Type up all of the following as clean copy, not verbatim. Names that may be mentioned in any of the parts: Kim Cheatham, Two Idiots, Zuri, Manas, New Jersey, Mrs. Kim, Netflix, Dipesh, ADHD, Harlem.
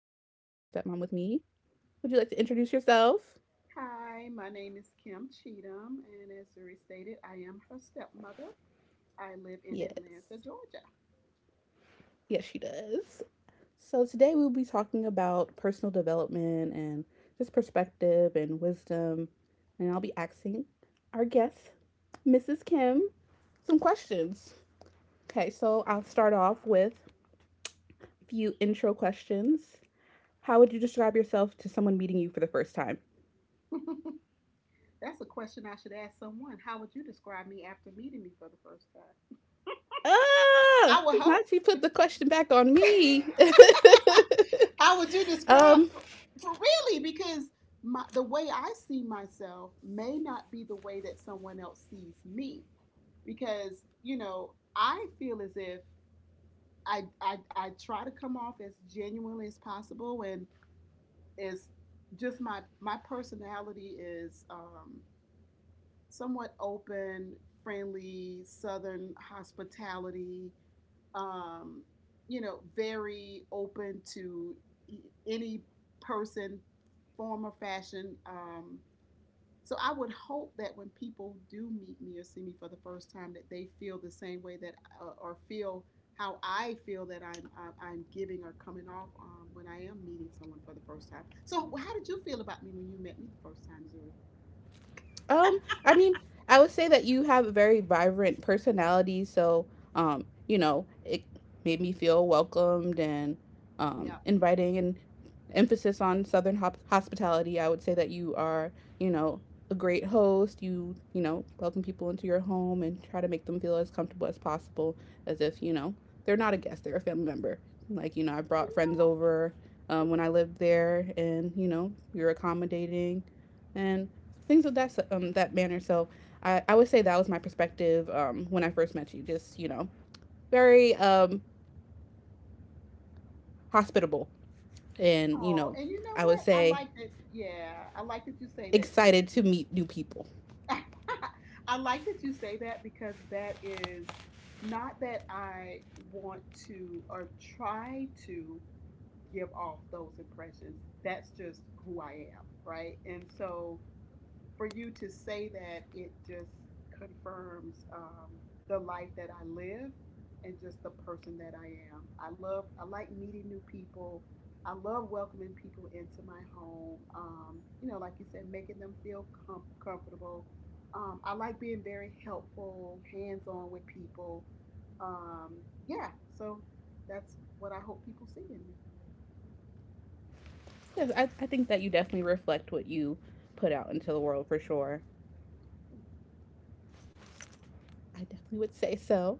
stepmom with me. Would you like to introduce yourself? Hi, my name is Kim Cheatham, and as Zuri stated, I am her stepmother. I live in Yes. Atlanta, Georgia. Yes, she does. So, today we'll be talking about personal development and just perspective and wisdom. And I'll be asking our guest, Mrs. Kim, some questions. Okay, so I'll start off with a few intro questions. How would you describe yourself to someone meeting you for the first time? That's a question I should ask someone. How would you describe me after meeting me for the first time? Oh, I would hope. not you put the question back on me. How would you describe? um, For really, because the way I see myself may not be the way that someone else sees me, because I feel as if I try to come off as genuinely as possible, and is just my personality is somewhat open, friendly, southern hospitality. Um, you know, very open to e- any person, form or fashion. So I would hope that when people do meet me or see me for the first time, that they feel the same way that or feel how I feel that I'm giving or coming off when I am meeting someone for the first time. So how did you feel about me when you met me the first time, Zuri? I mean, I would say that you have a very vibrant personality, so you know, it made me feel welcomed and Yeah. inviting and emphasis on hospitality. I would say that you are, you know, a great host. You know, welcome people into your home and try to make them feel as comfortable as possible as if, you know, they're not a guest, they're a family member. Like, you know, I brought friends over when I lived there and, you know, you're accommodating and things of that manner. So I would say that was my perspective when I first met you. Just you know, very hospitable, and you Oh, know, and you know I would what? I say like that. Yeah, I like that you say that, Zuri. excited to meet new people. I like that you say that because that is not that I want to or try to give off those impressions. That's just who I am, right? And so for you to say that, it just confirms the life that I live and just the person that I am. I like meeting new people. I love welcoming people into my home. You know, like you said, making them feel comfortable. I like being very helpful, hands on with people. Um, yeah, so that's what I hope people see in me. Yes, I think that you definitely reflect what you put out into the world for sure. I definitely would say so.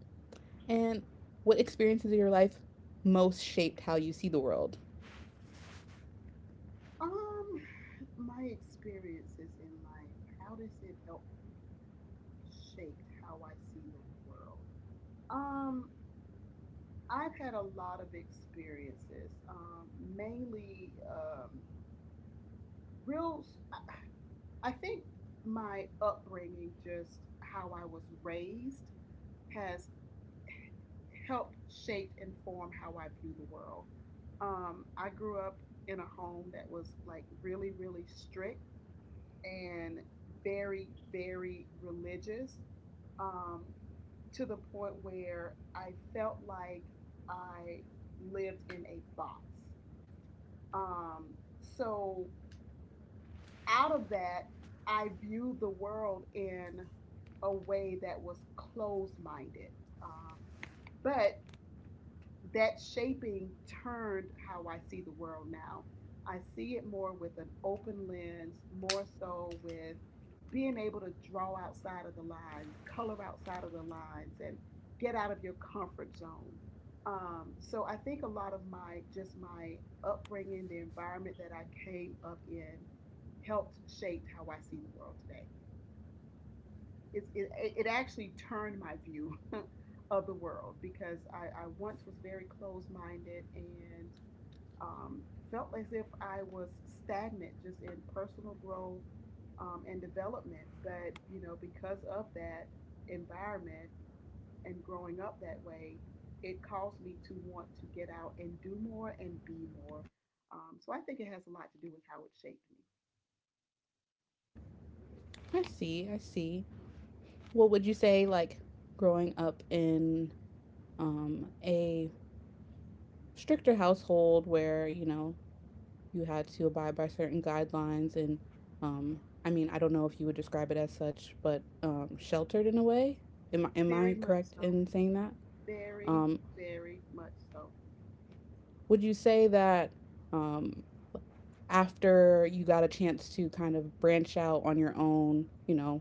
And what experiences of your life most shaped how you see the world? Um, my experiences in life, how does it help shape how I see the world? Um, I've had a lot of experiences, mainly real. I think my upbringing, just how I was raised, has helped shape and form how I view the world. I grew up in a home that was like really, really strict and very, very religious, um, to the point where I felt like I lived in a box. Um, so, out of that, I viewed the world in a way that was closed minded. Um, but that shaping turned how I see the world now. I see it more with an open lens, more so with being able to draw outside of the lines, color outside of the lines, and get out of your comfort zone. So I think a lot of my just my upbringing, the environment that I came up in, helped shape how I see the world today. It actually turned my view of the world, because I once was very closed minded and um, felt as if I was stagnant just in personal growth and development. But, you know, because of that environment and growing up that way, it caused me to want to get out and do more and be more. So I think it has a lot to do with how it shaped me. I see. I see. What would you say like growing up in a stricter household where, you know, you had to abide by certain guidelines and, um, I mean, I don't know if you would describe it as such, but sheltered in a way. Am I, am Very I much correct so. in saying that? Very, Um, very much so. would you say that um, after you got a chance to kind of branch out on your own, you know,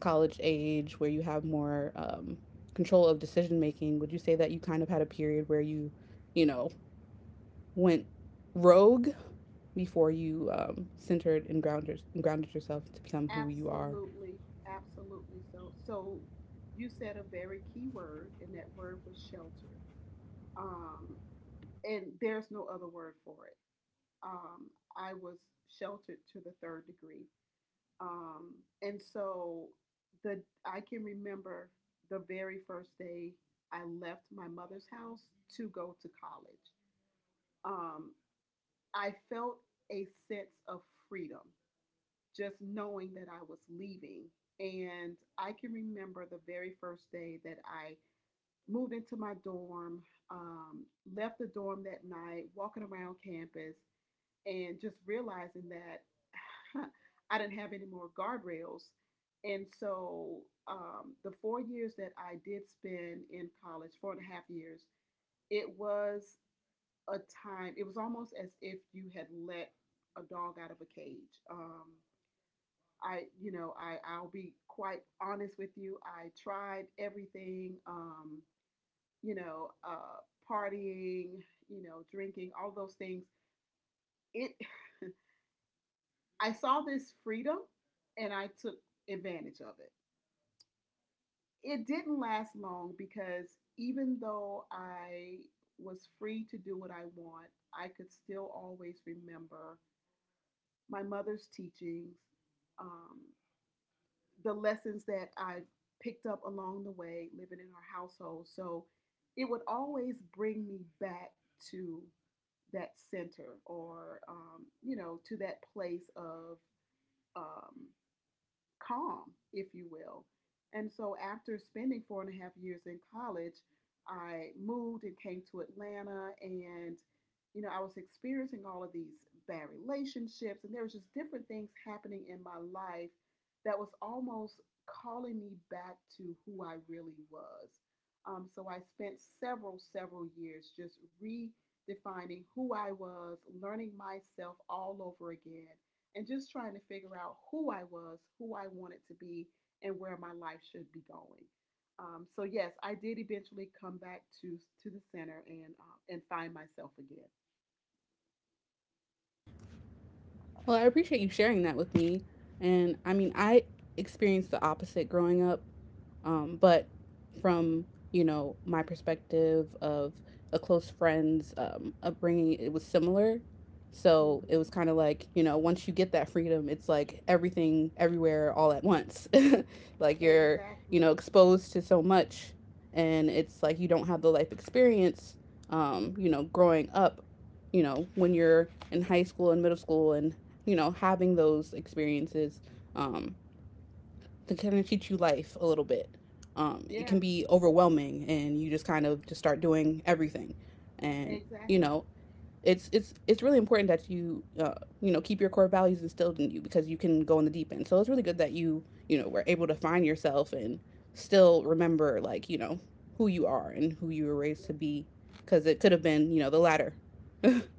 college age, where you have more control of decision making, would you say that you kind of had a period where you know, went rogue before you centered and grounded yourself to become who you are? Absolutely, absolutely. So you said a very key word, and that word was shelter. Um, and there's no other word for it. Um, I was sheltered to the third degree. Um, and so the I can remember the very first day I left my mother's house to go to college. Um, I felt a sense of freedom just knowing that I was leaving. And I can remember the very first day that I moved into my dorm, um, left the dorm that night, walking around campus, and just realizing that I didn't have any more guardrails. And so the 4 years that I did spend in college, 4.5 years, it was a time, it was almost as if you had let a dog out of a cage. I'll be quite honest with you. I tried everything, you know, uh, partying, you know, drinking, all those things. It, I saw this freedom and I took advantage of it. It didn't last long because even though I was free to do what I want, I could still always remember my mother's teachings, um, the lessons that I have picked up along the way living in our household. So it would always bring me back to that center, or to that place of um, calm, if you will. And so after spending 4.5 years in college, I moved and came to Atlanta, and I was experiencing all of these bad relationships, and there was just different things happening in my life that was almost calling me back to who I really was. So I spent several, several years just redefining who I was, learning myself all over again, and just trying to figure out who I was, who I wanted to be, and where my life should be going. So yes, I did eventually come back to the center, and find myself again. Well, I appreciate you sharing that with me. And I mean, I experienced the opposite growing up. But from you know my perspective of a close friend's upbringing, it was similar. So it Mm-hmm. was kind of like you know once you get that freedom, it's like everything, everywhere, all at once. Like you're Exactly. you know exposed to so much, and it's like you don't have the life experience. You know, growing up, you know, when you're in high school and middle school, and you know having those experiences um, that kind of teach you life a little bit. It Yeah. can be overwhelming, and you just kind of just start doing everything, and you Exactly. know it's really important that you you know keep your core values instilled in you because you can go in the deep end. So it's really good that you know were able to find yourself and still remember like you know who you are and who you were raised Yeah. to be because it could have been you know the latter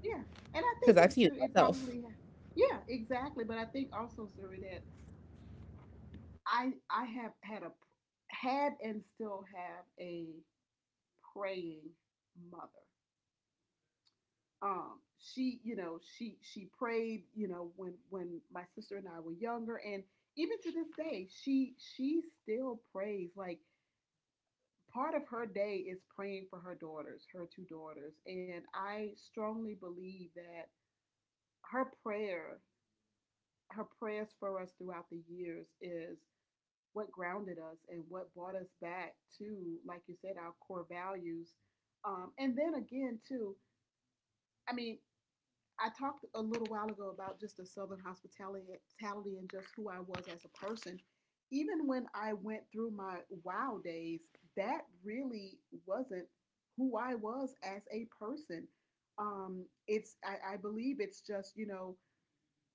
Yeah. And I think because I've it seen it too. It myself. probably. Yeah. Exactly. But I think also, Zuri, that I have had a had and still have a praying mother. She, she prayed, when my sister and I were younger, and even to this day she still prays. Like, part of her day is praying for her daughters, her two daughters, and I strongly believe that her prayer her prayers for us throughout the years is what grounded us and what brought us back to, like you said, our core values. And then again too, I mean, I talked a little while ago about just the Southern hospitality and just who I was as a person. Even when I went through my wow days, that really wasn't who I was as a person. I believe it's just,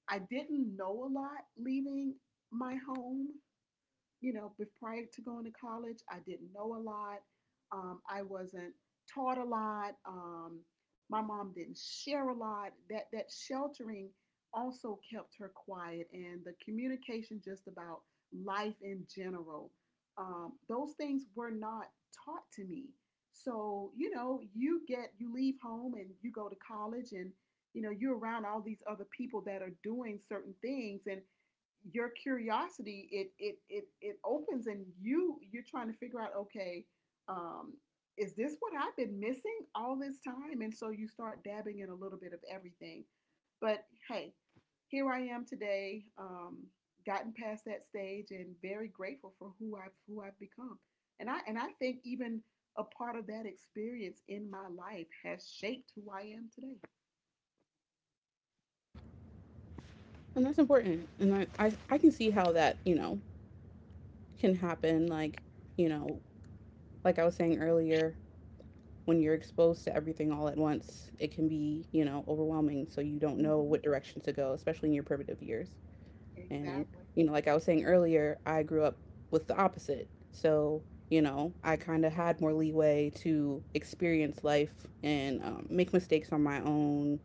I didn't know a lot leaving my home. Prior to going to college, I didn't know a lot. I wasn't taught a lot. My mom didn't share a lot. That sheltering also kept her quiet, and the communication just about life in general. Those things were not taught to me. So you get you leave home and you go to college, and you're around all these other people that are doing certain things, and your curiosity it opens and you're trying to figure out, okay, um is this what I've been missing all this time? And so you start dabbing in a little bit of everything. But hey, here I am today, gotten past that stage and very grateful for who I've become. And I think even a part of that experience in my life has shaped who I am today. And that's important, and I can see how that you know can happen like you know like I was saying earlier, when you're exposed to everything all at once, it can be, you know, overwhelming. So you don't know Mm-hmm. what direction to go, especially in your primitive years. And, Exactly. you know, like I was saying earlier, I grew up with the opposite. So, you know, I kind of had more leeway to experience life and make mistakes on my own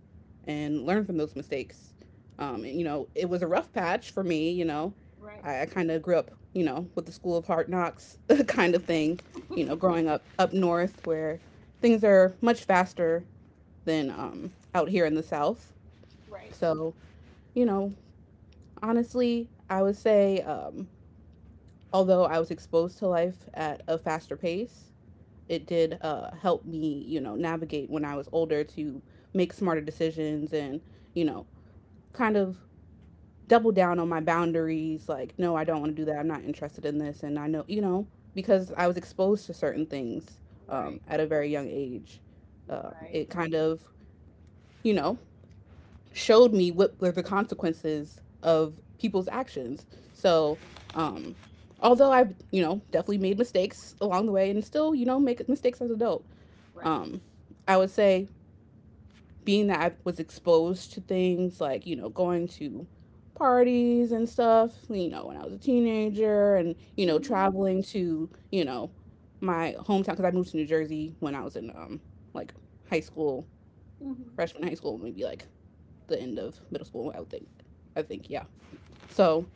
and learn from those mistakes. And, you know, it was a rough patch for me, you know. Right. I kind of grew up, you know, with the school of hard knocks kind of thing, you know, growing up up north where things are much faster than out here in the south. Right. So, you know, honestly, I would say, although I was exposed to life at a faster pace, it did help me, you know, navigate when I was older to make smarter decisions and, you know, kind of double down on my boundaries. Like, no, I don't want to do that. I'm not interested in this. And I know, you know, because I was exposed to certain things Right. at a very young age, Right, it kind of, you know, showed me what were the consequences of people's actions. So, right, um, although I've, you know, definitely made mistakes along the way and still, you know, make mistakes as an adult, right. um, I would say being that I was exposed to things like, you know, going to parties and stuff, you know, when I was a teenager and, you know, Mm-hmm, traveling to, you know, my hometown because I moved to New Jersey when I was in like high school, mm-hmm, freshman high school, maybe like the end of middle school, I would think. I think, yeah. So,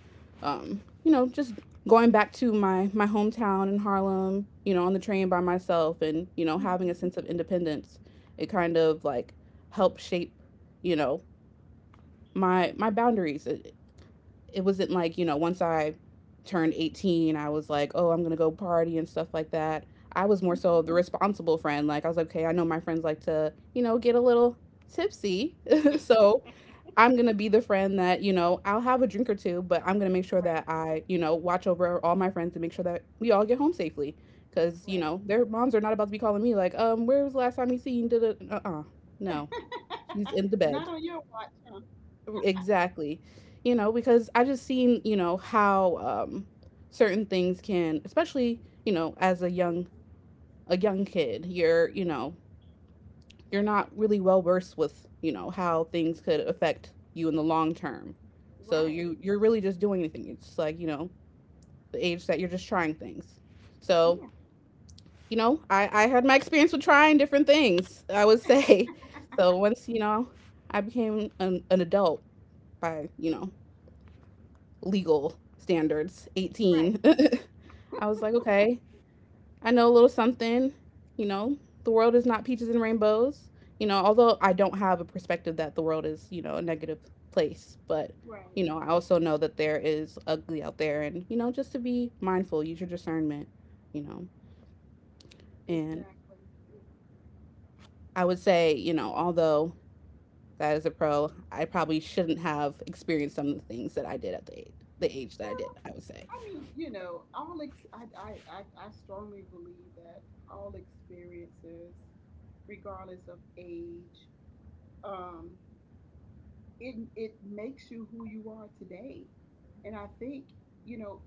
you know, just going back to my hometown in Harlem, you know, on the train by myself and, you know, having mm-hmm, a sense of independence, it kind of like helped shape, you know, my boundaries. It wasn't like, you know, once I turned 18, I was like, "Oh, I'm going to go party and stuff like that." I was more so mm-hmm. the responsible friend. Like I was like, "Okay, I know my friends like to, you know, get a little tipsy." So, I'm gonna be the friend that you know I'll have a drink or two, but I'm gonna make sure that I you know watch over all my friends and make sure that we all get home safely, because you Right, know their moms are not about to be calling me like, where was the last time you seen? Right. No, she's in the Not bed. on your watch, huh? Exactly, you know because I just seen you know how certain things can, especially you know as a young kid, you're you know you're not really well versed with you know how things could affect you in the long term, so Right. you you're really just doing anything. It's like you know the age that you're just trying things. So Yeah, you know I had my experience with trying different things, I would say. So once you know I became an adult by you know legal standards, right, 18, I was like okay, I know a little something. You know, the world is not peaches and rainbows. You know, although I don't have a perspective that the world is, you know, a negative place, but right. you know, I also know that there is ugly out there and you know, just to be mindful, use your discernment, you know. And Exactly. I would say, you know, although that is a pro, I probably shouldn't have experienced some of the things that I did at the age that I Well, did, I would say. I mean, I strongly believe that all experiences, regardless of age, um, it it makes you who you are today. And I think, you know,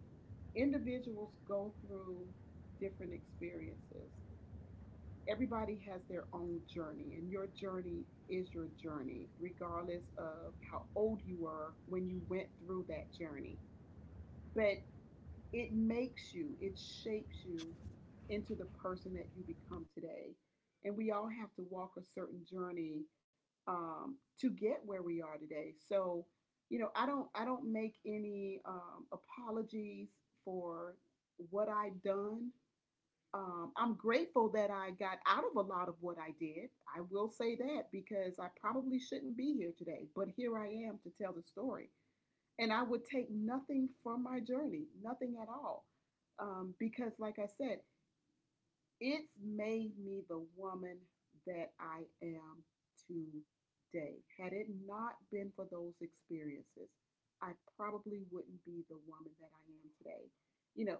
individuals go through different experiences. Everybody has their own journey, and your journey is your journey, regardless of how old you were when you went through that journey. But it makes you, it shapes you into the person that you become today. And we all have to walk a certain journey to get where we are today. So, I don't make any apologies for what I've done. I'm grateful that I got out of a lot of what I did. I will say that because I probably shouldn't be here today, but here I am to tell the story, and I would take nothing from my journey, nothing at all. Because, like I said, it's made me the woman that I am today. Had it not been for those experiences, I probably wouldn't be the woman that I am today. You know,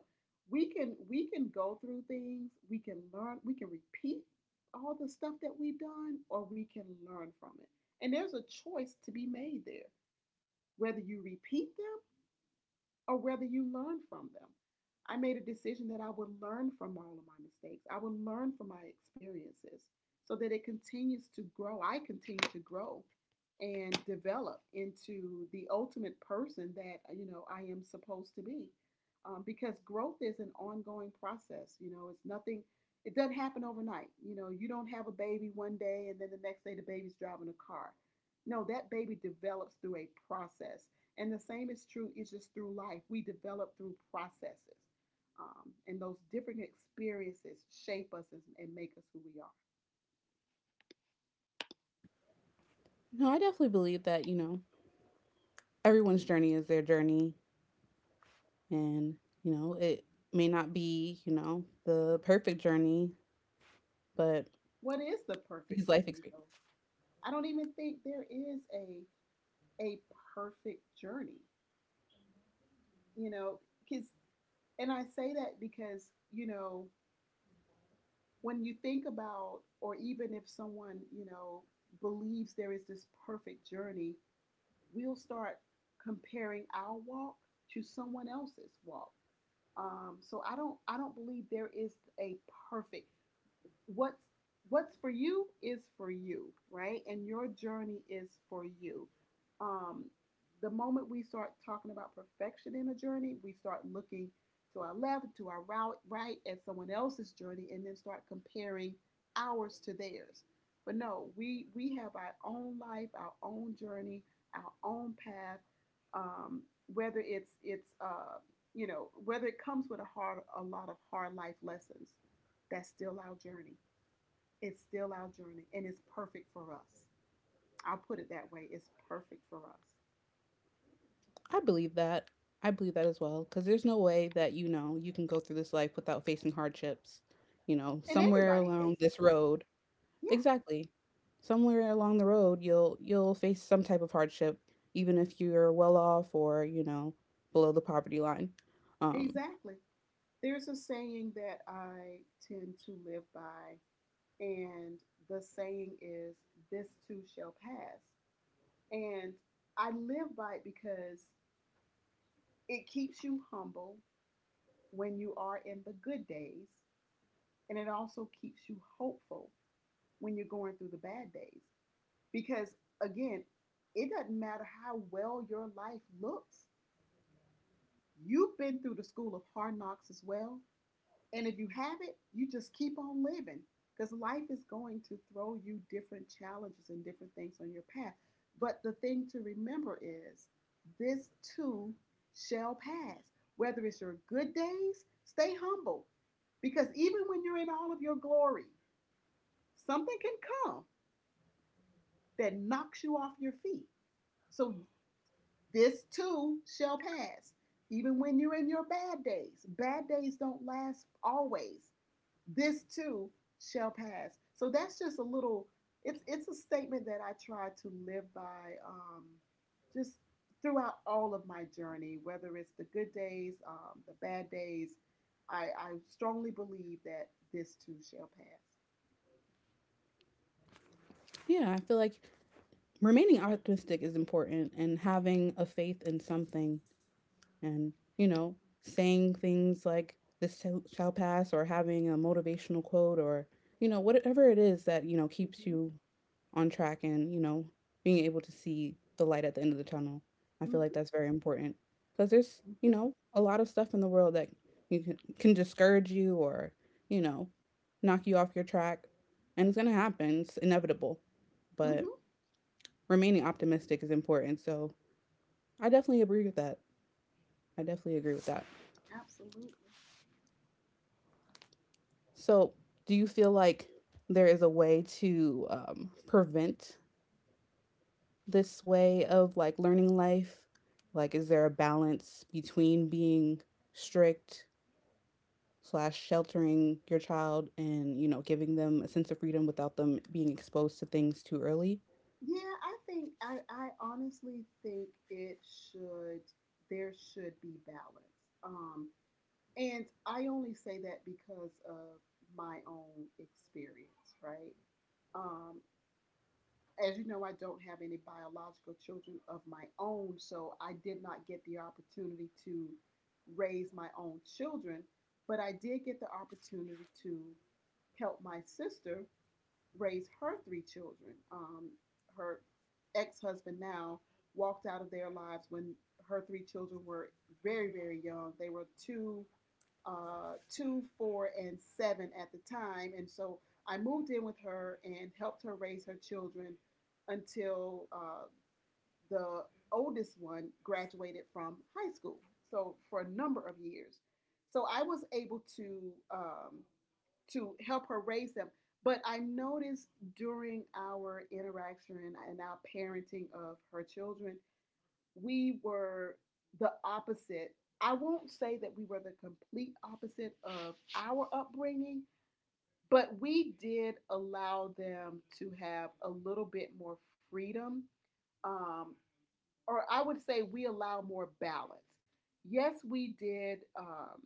we can go through things, we can learn, we can repeat all the stuff that we've done, or we can learn from it. And there's a choice to be made there. Whether you repeat them or whether you learn from them. I made a decision that I would learn from all of my mistakes. I would learn from my experiences so that it continues to grow. I continue to grow and develop into the ultimate person that, I am supposed to be. Because growth is an ongoing process. You know, it's nothing, it doesn't happen overnight. You know, you don't have a baby one day and then the next day the baby's driving a car. No, that baby develops through a process and the same is true, it's just through life. We develop through processes. And those different experiences shape us and make us who we are. No, I definitely believe that, you know, everyone's journey is their journey. And, you know, it may not be, you know, the perfect journey, but What is the perfect these life journey, though? experiences, I don't even think there is a perfect journey, you know, because, and I say that because, you know, when you think about, or even if someone, you know, believes there is this perfect journey, we'll start comparing our walk to someone else's walk. So I don't believe there is a perfect, what's what's for you is for you, right? And your journey is for you. Um, the moment we start talking about perfection in a journey, we start looking to our left, to our route, right, at someone else's journey, and then start comparing ours to theirs. But no, we have our own life, our own journey, our own path. Um, whether it's you know, whether it comes with a lot of hard life lessons, that's still our journey. It's still our journey and it's perfect for us. I'll put it that way. It's perfect for us. I believe that. I believe that as well. Because there's no way that, you know, you can go through this life without facing hardships. You know, And somewhere everybody along faces this them. road, Yeah, exactly. Somewhere along the road, you'll face some type of hardship, even if you're well off or you know below the poverty line. Um, exactly. There's a saying that I tend to live by, and the saying is, this too shall pass. And I live by it because it keeps you humble when you are in the good days, and it also keeps you hopeful when you're going through the bad days. Because again, it doesn't matter how well your life looks. You've been through the school of hard knocks as well. And if you have it, you just keep on living because life is going to throw you different challenges and different things on your path. But the thing to remember is this too shall pass. Whether it's your good days, stay humble, because even when you're in all of your glory, something can come that knocks you off your feet. So this too shall pass, even when you're in your bad days. Bad days don't last always. This too shall pass. So that's just a little. It's a statement that I try to live by, just throughout all of my journey, whether it's the good days, the bad days. I strongly believe that this too shall pass. yeah, I feel like remaining optimistic is important and having a faith in something and, you know, saying things like, this shall- pass, or having a motivational quote, or, you know, whatever it is that, you know, keeps Mm-hmm. you on track and, you know, being able to see the light at the end of the tunnel. I feel like Mm-hmm. that's very important because there's, you Mm-hmm. know, a lot of stuff in the world that you can discourage you or, you know, knock you off your track. And it's going to happen, it's inevitable. But Mm-hmm. remaining optimistic is important. So I definitely agree with that. I definitely agree with that. Absolutely. So, do you feel like there is a way to prevent this way of like learning life? Like, is there a balance between being strict slash sheltering your child and you know giving them a sense of freedom without them being exposed to things too early? Yeah, I think I honestly think it should there should be balance. Um, and I only say that because of my own experience, right? Um, as you know, I don't have any biological children of my own, so I did not get the opportunity to raise my own children, but I did get the opportunity to help my sister raise her three children. Her ex husband now walked out of their lives when her three children were very, very young. They were two, 4, and 7 at the time. And so I moved in with her and helped her raise her children until the oldest one graduated from high school. So for a number of years. So I was able to help her raise them. But I noticed during our interaction and our parenting of her children, we were the opposite. I won't say that we were the complete opposite of our upbringing, but we did allow them to have a little bit more freedom, um, or I would say we allow more balance. Yes, we did. Um,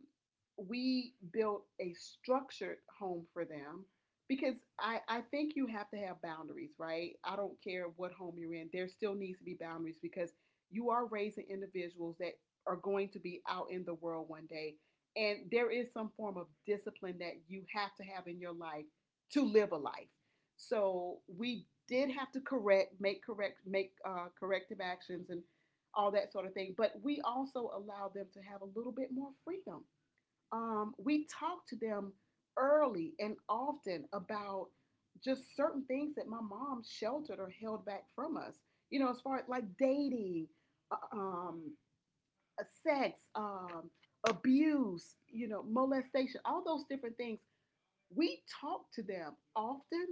we built a structured home for them because I think you have to have boundaries, right? I don't care what home you're in, there still needs to be boundaries because you are raising individuals that are going to be out in the world one day. And there is some form of discipline that you have to have in your life to live a life. So we did have to make corrective actions and all that sort of thing. But we also allowed them to have a little bit more freedom. We talked to them early and often about just certain things that my mom sheltered or held back from us. You know, as far as like dating, uh, um, sex, abuse, you know, molestation, all those different things. We talked to them often,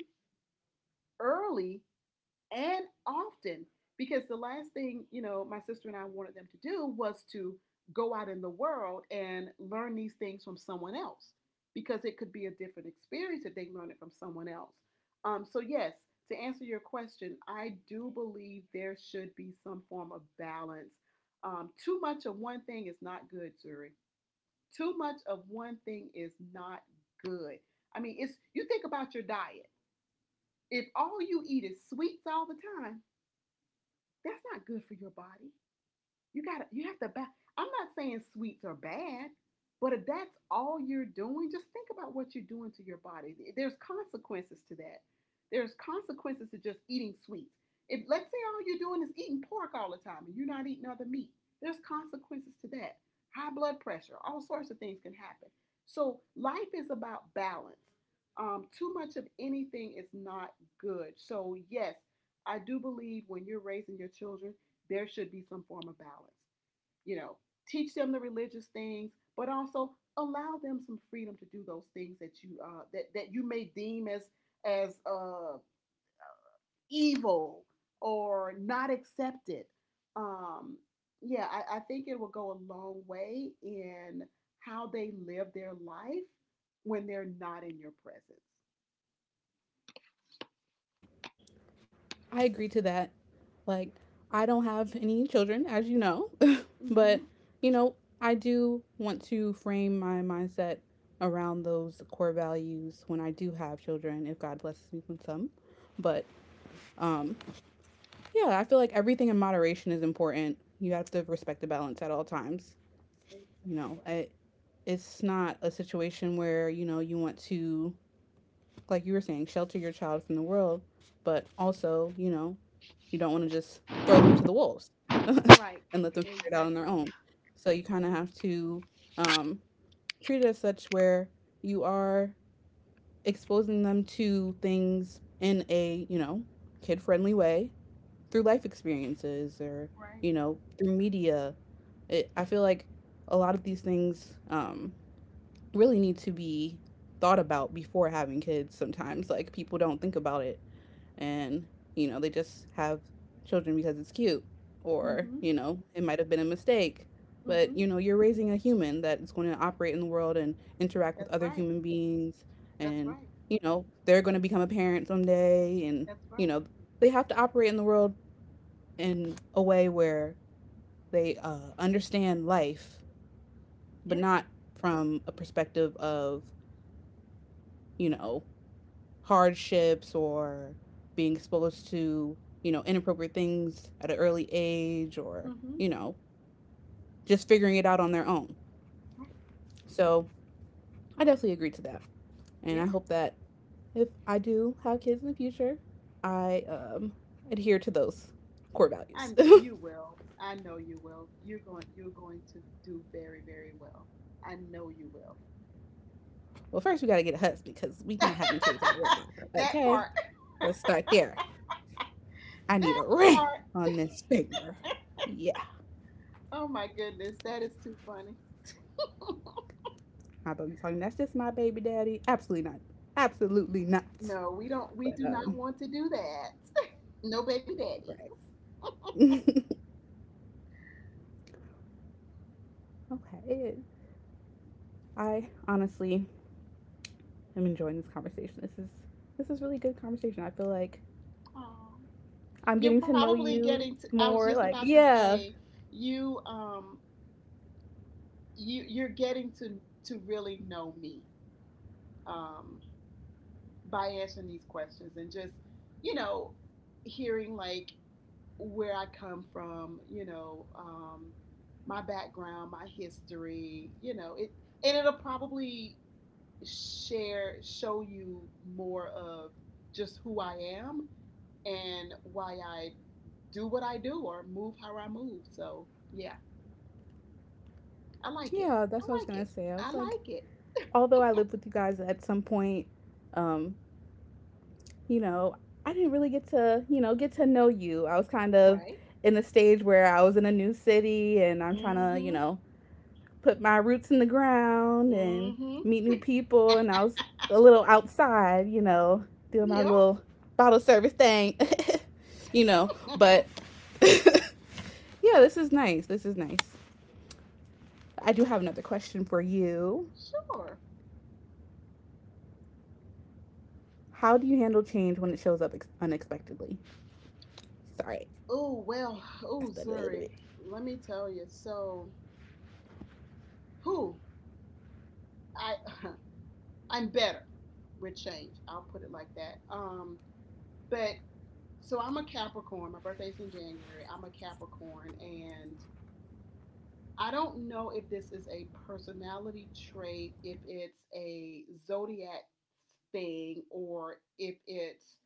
early, and often, because the last thing, you know, my sister and I wanted them to do was to go out in the world and learn these things from someone else, because it could be a different experience if they learn it from someone else. So yes, to answer your question, I do believe there should be some form of balance. Too much of one thing is not good, Zuri. Too much of one thing is not good. I mean, it's, you think about your diet. If all you eat is sweets all the time, that's not good for your body. You gotta you have to ba- I'm not saying sweets are bad, but if that's all you're doing, just think about what you're doing to your body. There's consequences to that. There's consequences to just eating sweets. If let's say all you're doing is eating pork all the time and you're not eating other meat, there's consequences to that. High blood pressure, all sorts of things can happen. So life is about balance. Too much of anything is not good. So yes, I do believe when you're raising your children, there should be some form of balance. You know, teach them the religious things, but also allow them some freedom to do those things that you that you may deem as as uh, evil or not accepted. Um, yeah, I think it will go a long way in how they live their life when they're not in your presence. I agree to that. Like, I don't have any children, as you know, but Mm-hmm. you know, I do want to frame my mindset around those core values when I do have children, if God blesses me with some. But um, yeah, I feel like everything in moderation is important. You have to respect the balance at all times. You know, Exactly. I, it's not a situation where you know you want to like you were saying, shelter your child from the world, but also, you know, you don't want to just throw them to the wolves and Right. let them figure it out on their Exactly. own. So you kind of Right. have to um, treat it as such where you are exposing them to things in a, you know, kid friendly way through life experiences or, Right. you know, through media. I feel like a lot of these things really need to be thought about before having kids sometimes. Like people don't think about it and, you know, they just have children because it's cute or, Mm-hmm. you know, it might have been a mistake. But, Mm-hmm. you know, you're raising a human that is going to operate in the world and interact with That's other right. human beings That's and, right. you know, they're going to become a parent someday and, That's you right. know, they have to operate in the world in a way where they understand life, but Yeah. not from a perspective of, you know, hardships or being exposed to, you know, inappropriate things at an early age or, Mm-hmm. you know, just figuring it out on their own. Right. So I definitely agree to that. And I Yeah. hope that if I do have kids in the future, I adhere to those core values. And you will. I know you will. You're going. You're going to do very, very well. I know you will. Well, first we got to get a husband because we not having kids out of wedlock. That Okay, part. let's start there. I need That a ring part. on this finger. Yeah, Oh my goodness. That is too funny. my baby talking. That's just my baby daddy. Absolutely not. Absolutely not. No, we don't. We But do not want to do that. No baby daddies. right. Okay. I honestly am enjoying this conversation. This is really good conversation. I feel like Oh. I'm You're getting to know probably you getting to. I was just more. Like, about to yeah, say, you um, you're getting to really know me. Um, by answering these questions and just, you know, hearing like where I come from, you know, my background, my history, you know, it, and it'll probably share show you more of just who I am and why I do what I do or move how I move. So yeah, I like it. yeah. That's I what I was like gonna it. say. I was I like, like it. although I lived with you guys at some point, um, you know, I didn't really get to, you know, get to know you. I was kind of Right? in a stage where I was in a new city and I'm trying to, you Mm-hmm. know, put my roots in the ground and Mm-hmm. meet new people. And I was a little outside, you know, doing my Yep. little bottle service thing, you know. But yeah, this is nice. This is nice. I do have another question for you. Sure. How do you handle change when it shows up unexpectedly? Sorry, Oh well, I oh stuttered a little Zuri, bit. let me tell you. So, who I I'm better with change. I'll put it like that. But so I'm a Capricorn. My birthday's in January. I'm a Capricorn, and I don't know if this is a personality trait, if it's a zodiac thing, or if it's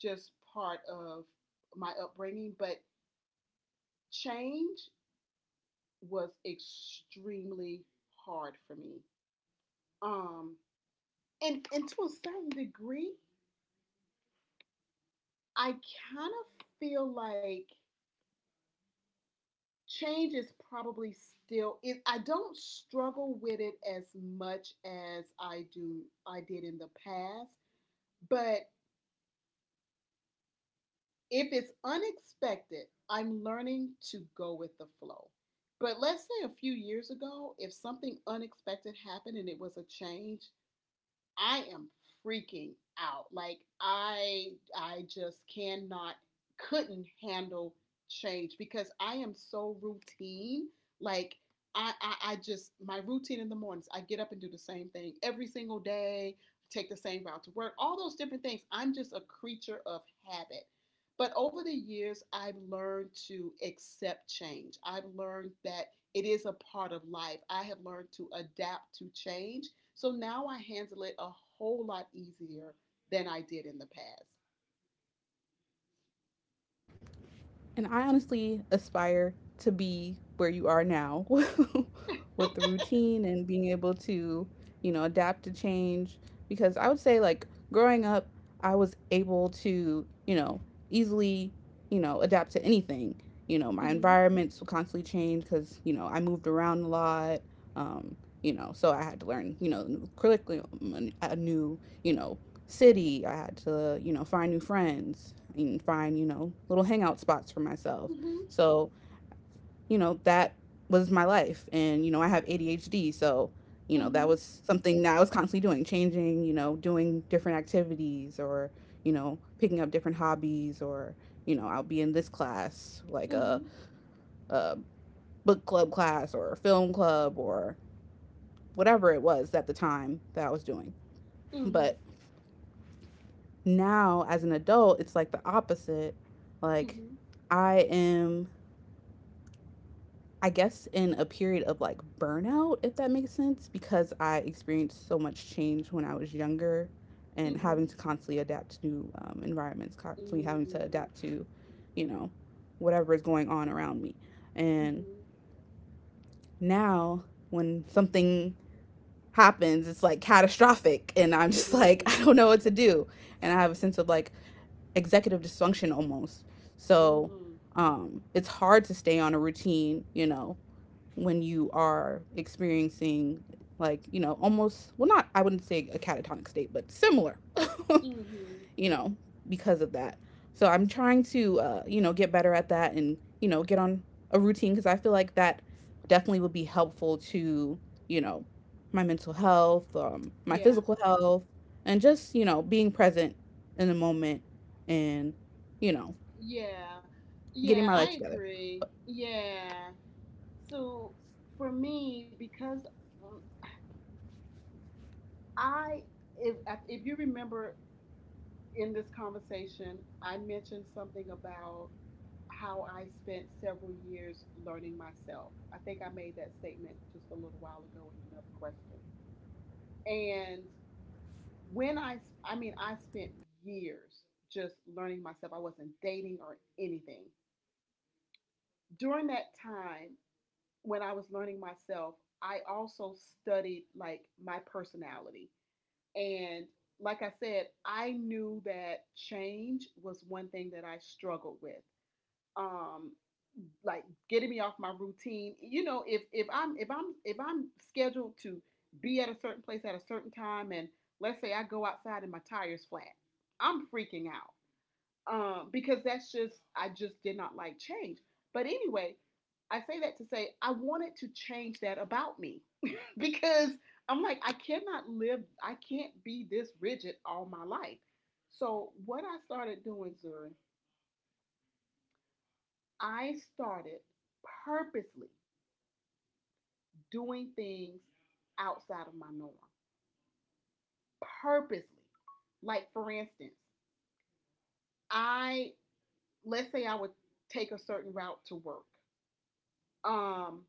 just part of my upbringing. But change was extremely hard for me. Um, and to a certain degree, I kind of feel like change is probably still. I don't struggle with it as much as I did in the past, but if it's unexpected, I'm learning to go with the flow. But let's say a few years ago, if something unexpected happened and it was a change, I am freaking out. Like I just cannot couldn't handle change because I am so routine. Like I just, my routine in the mornings, I get up and do the same thing every single day, take the same route to work, all those different things. I'm just a creature of habit. But over the years, I've learned to accept change. I've learned that it is a part of life. I have learned to adapt to change, so now I handle it a whole lot easier than I did in the past. And I honestly aspire to be where you are now with the routine and being able to, you know, adapt to change. Because I would say, like, growing up, I was able to, you know, easily, you know, adapt to anything. You know, my Mm-hmm. environments would constantly change because, you know, I moved around a lot. Um, you know, so I had to learn, you know, new curriculum, a new, you know, city. I had to, you know, find new friends and find, you know, little hangout spots for myself. Mm-hmm. So, you know, that was my life. And, you know, I have ADHD. So, you know, that Mm-hmm. was something that I was constantly doing, changing, you know, doing different activities or, you know, picking up different hobbies or, you know, I'll be in this class, like Mm-hmm. a book club class or a film club or whatever it was at the time that I was doing. Mm-hmm. But now as an adult, it's like the opposite. Like, I am, I guess, in a period of like burnout, if that makes sense, because I experienced so much change when I was younger and Mm-hmm. having Mm-hmm. to constantly adapt to new environments, constantly having to Mm-hmm. adapt to, you know, whatever is going on around me. And now, when something happens, it's like catastrophic, and I'm just like, I don't know what to do. And I have a sense of like, executive dysfunction almost. Mm-hmm. So Mm-hmm. It's hard to stay on a routine, you know, when you are experiencing like, you know, almost, well, not, I wouldn't say a catatonic state, but similar. Mm-hmm. You know, because of that. So I'm trying to, you know, get better at that and, you know, get on a routine because I feel like that definitely would be helpful to, you know, my mental health, my Yeah. physical health, and just, you know, being present in the moment and, you know, Yeah. Yeah, getting my life I together. agree. Yeah. So for me, because um, I if if you remember in this conversation, I mentioned something about how I spent several years learning myself. I think I made that statement just a little while ago in another question. And when I, I mean, I spent years just learning myself. I wasn't dating or anything. During that time, when I was learning myself, I also studied like my personality. And like I said, I knew that change was one thing that I struggled with. um like getting me off my routine. You know, if i'm scheduled to be at a certain place at a certain time, and let's say I go outside and my tires flat, I'm freaking out. Because that's just, I just did not like change. But anyway, I say that to say I wanted to change that about me. Because I'm like, I cannot live, I can't be this rigid all my life. So what I started doing, zuri, I started purposely doing things outside of my norm, purposely. Like, for instance, I let's say I would take a certain route to work. Um,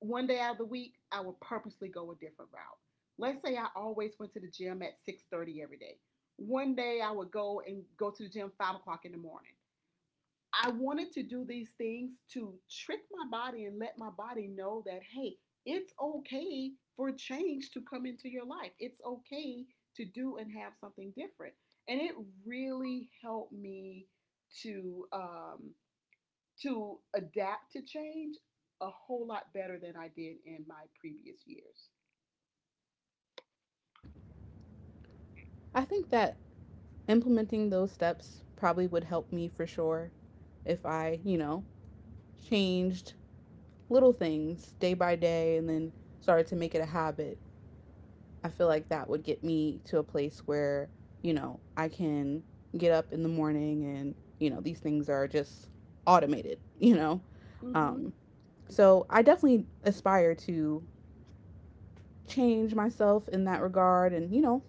One day out of the week, I would purposely go a different route. Let's say I always went to the gym at 6:30 every day. One day I would go and go to the gym 5 o'clock in the morning. I wanted to do these things to trick my body and let my body know that, hey, it's okay for change to come into your life. It's okay to do and have something different. And it really helped me to um, to adapt to change a whole lot better than I did in my previous years. I think that implementing those steps probably would help me for sure if I, you know, changed little things day by day and then started to make it a habit. I feel like that would get me to a place where, you know, I can get up in the morning and, you know, these things are just automated, you know? Um, Mm-hmm. so I definitely aspire to change myself in that regard and, you know,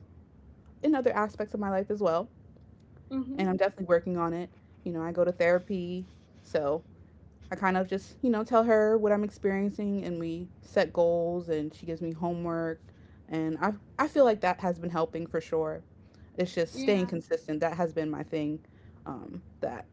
in other aspects of my life as well. And Mm-hmm. I'm definitely working on it. You know, I go to therapy. So I kind of just, you know, tell her what I'm experiencing and we set goals and she gives me homework. And I feel like that has been helping for sure. It's just staying Yeah. consistent. That has been my thing. That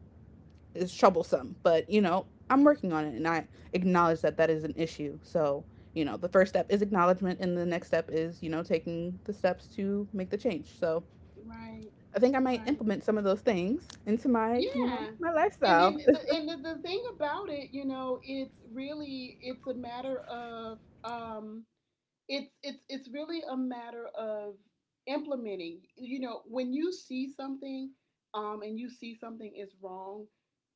is troublesome, but you know, I'm working on it, and I acknowledge that that is an issue. So you know, the first step is acknowledgement, and the next step is you know taking the steps to make the change. So Right. I think I might Right. implement some of those things into my you know Yeah. my And lifestyle. then the, and the, the thing about it, you know, it's really, it's really a matter of implementing. You know, when you see something, and you see something is wrong,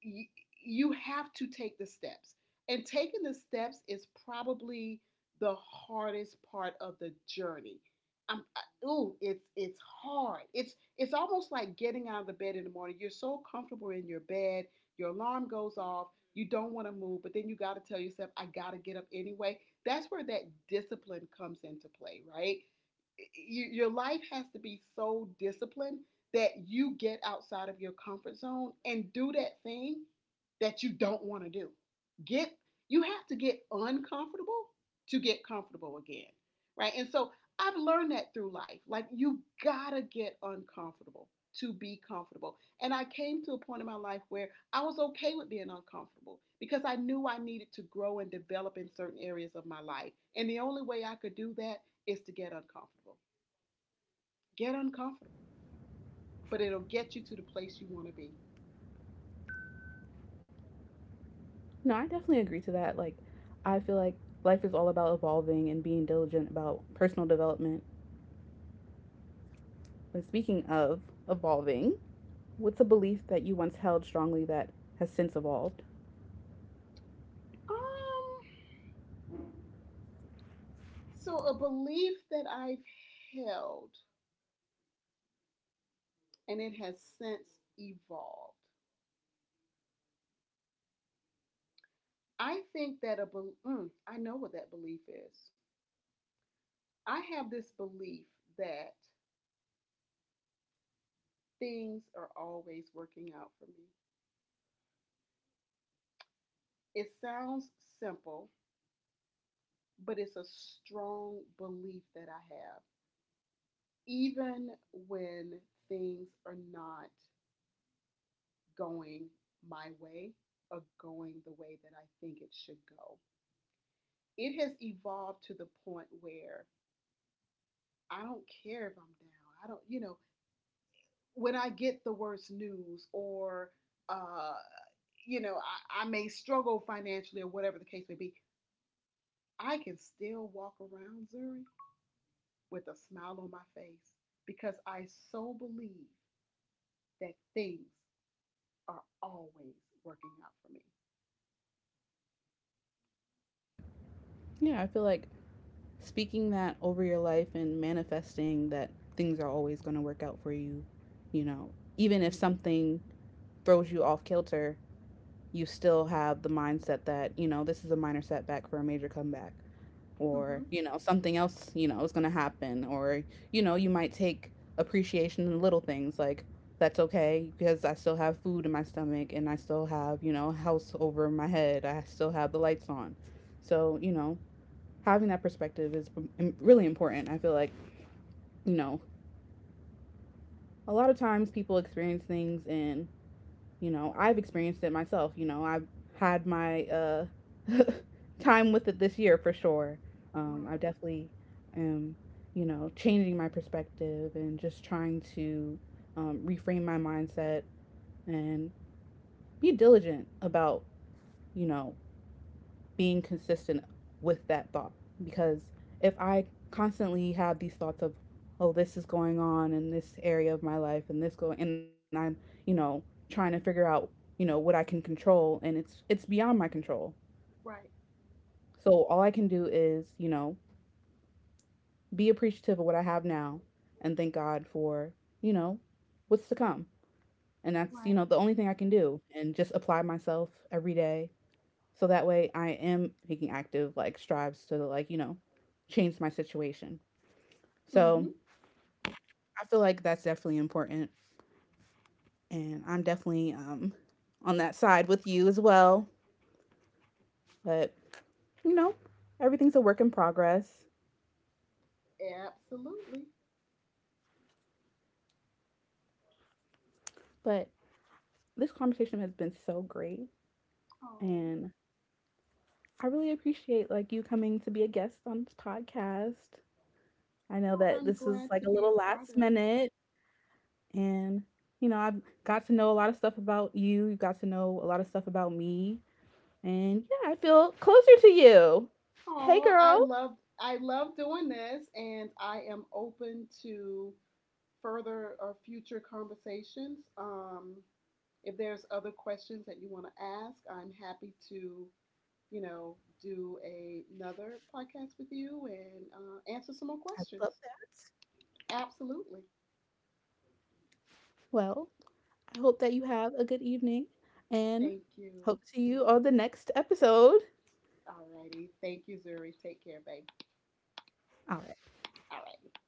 you, you have to take the steps. And taking the steps is probably the hardest part of the journey. It's hard. It's almost like getting out of the bed in the morning. You're so comfortable in your bed. Your alarm goes off. You don't want to move, but then you got to tell yourself, "I got to get up anyway." That's where that discipline comes into play, right? Your life has to be so disciplined that you get outside of your comfort zone and do that thing that you don't want to do. Get You have to get uncomfortable to get comfortable again, right? And so I've learned that through life. Like, you gotta get uncomfortable to be comfortable. And I came to a point in my life where I was okay with being uncomfortable because I knew I needed to grow and develop in certain areas of my life. And the only way I could do that is to get uncomfortable. Get uncomfortable, but it'll get you to the place you want to be. No, I definitely agree to that. Like, I feel like life is all about evolving and being diligent about personal development. And speaking of evolving, what's a belief that you once held strongly that has since evolved? Um, so a belief that I've held and it has since evolved. I think that a be. Mm, I know what that belief is. I have this belief that things are always working out for me. It sounds simple, but it's a strong belief that I have, even when things are not going my way or going the way that I think it should go. It has evolved to the point where I don't care if I'm down. I don't, you know, when I get the worst news, or, uh, you know, I may struggle financially, or whatever the case may be, I can still walk around, Zuri, with a smile on my face because I so believe that things are always working out for me. Yeah, I feel like speaking that over your life and manifesting that things are always going to work out for you, you know, even if something throws you off kilter, you still have the mindset that, you know, this is a minor setback for a major comeback. Mm-hmm. Or you know something else you know is going to happen, or you know you might take appreciation in little things like that's okay because I still have food in my stomach and I still have you know a house over my head, I still have the lights on. So you know having that perspective is really important. I feel like you know a lot of times people experience things and you know I've experienced it myself. You know I've had my time with it this year for sure. I Right, definitely am you know changing my perspective and just trying to reframe my mindset and be diligent about you know being consistent with that thought, because if I constantly have these thoughts of oh this is going on in this area of my life and this going and I'm you know trying to figure out you know what I can control, and it's beyond my control. So all I can do is, you know, be appreciative of what I have now and thank God for, you know, what's to come. And that's, you right, right. know, the only thing I can do and just apply myself every day. So that way I am taking active like strives to like, you know, change my situation. So Mm-hmm. I feel like that's definitely important and I'm definitely on that side with you as well. But you know, everything's a work in progress. Absolutely. But this conversation has been so great Oh. and I really appreciate like you coming to be a guest on this podcast. I know Well, that I'm this is glad like to a be little a part last of it. minute. And, you know, I've got to know a lot of stuff about you. You've got to know a lot of stuff about me. And yeah, I feel closer to you. Hey, Oh, girl. I love doing this, and I am open to further or future conversations. If there's other questions that you want to ask, I'm happy to, you know, another podcast with you and answer some more I love questions. that. Absolutely. Well, I hope that you have a good evening and Thank hope you. to see you on the next episode. All righty. Thank you, Zuri. Take care, babe. All right. All right.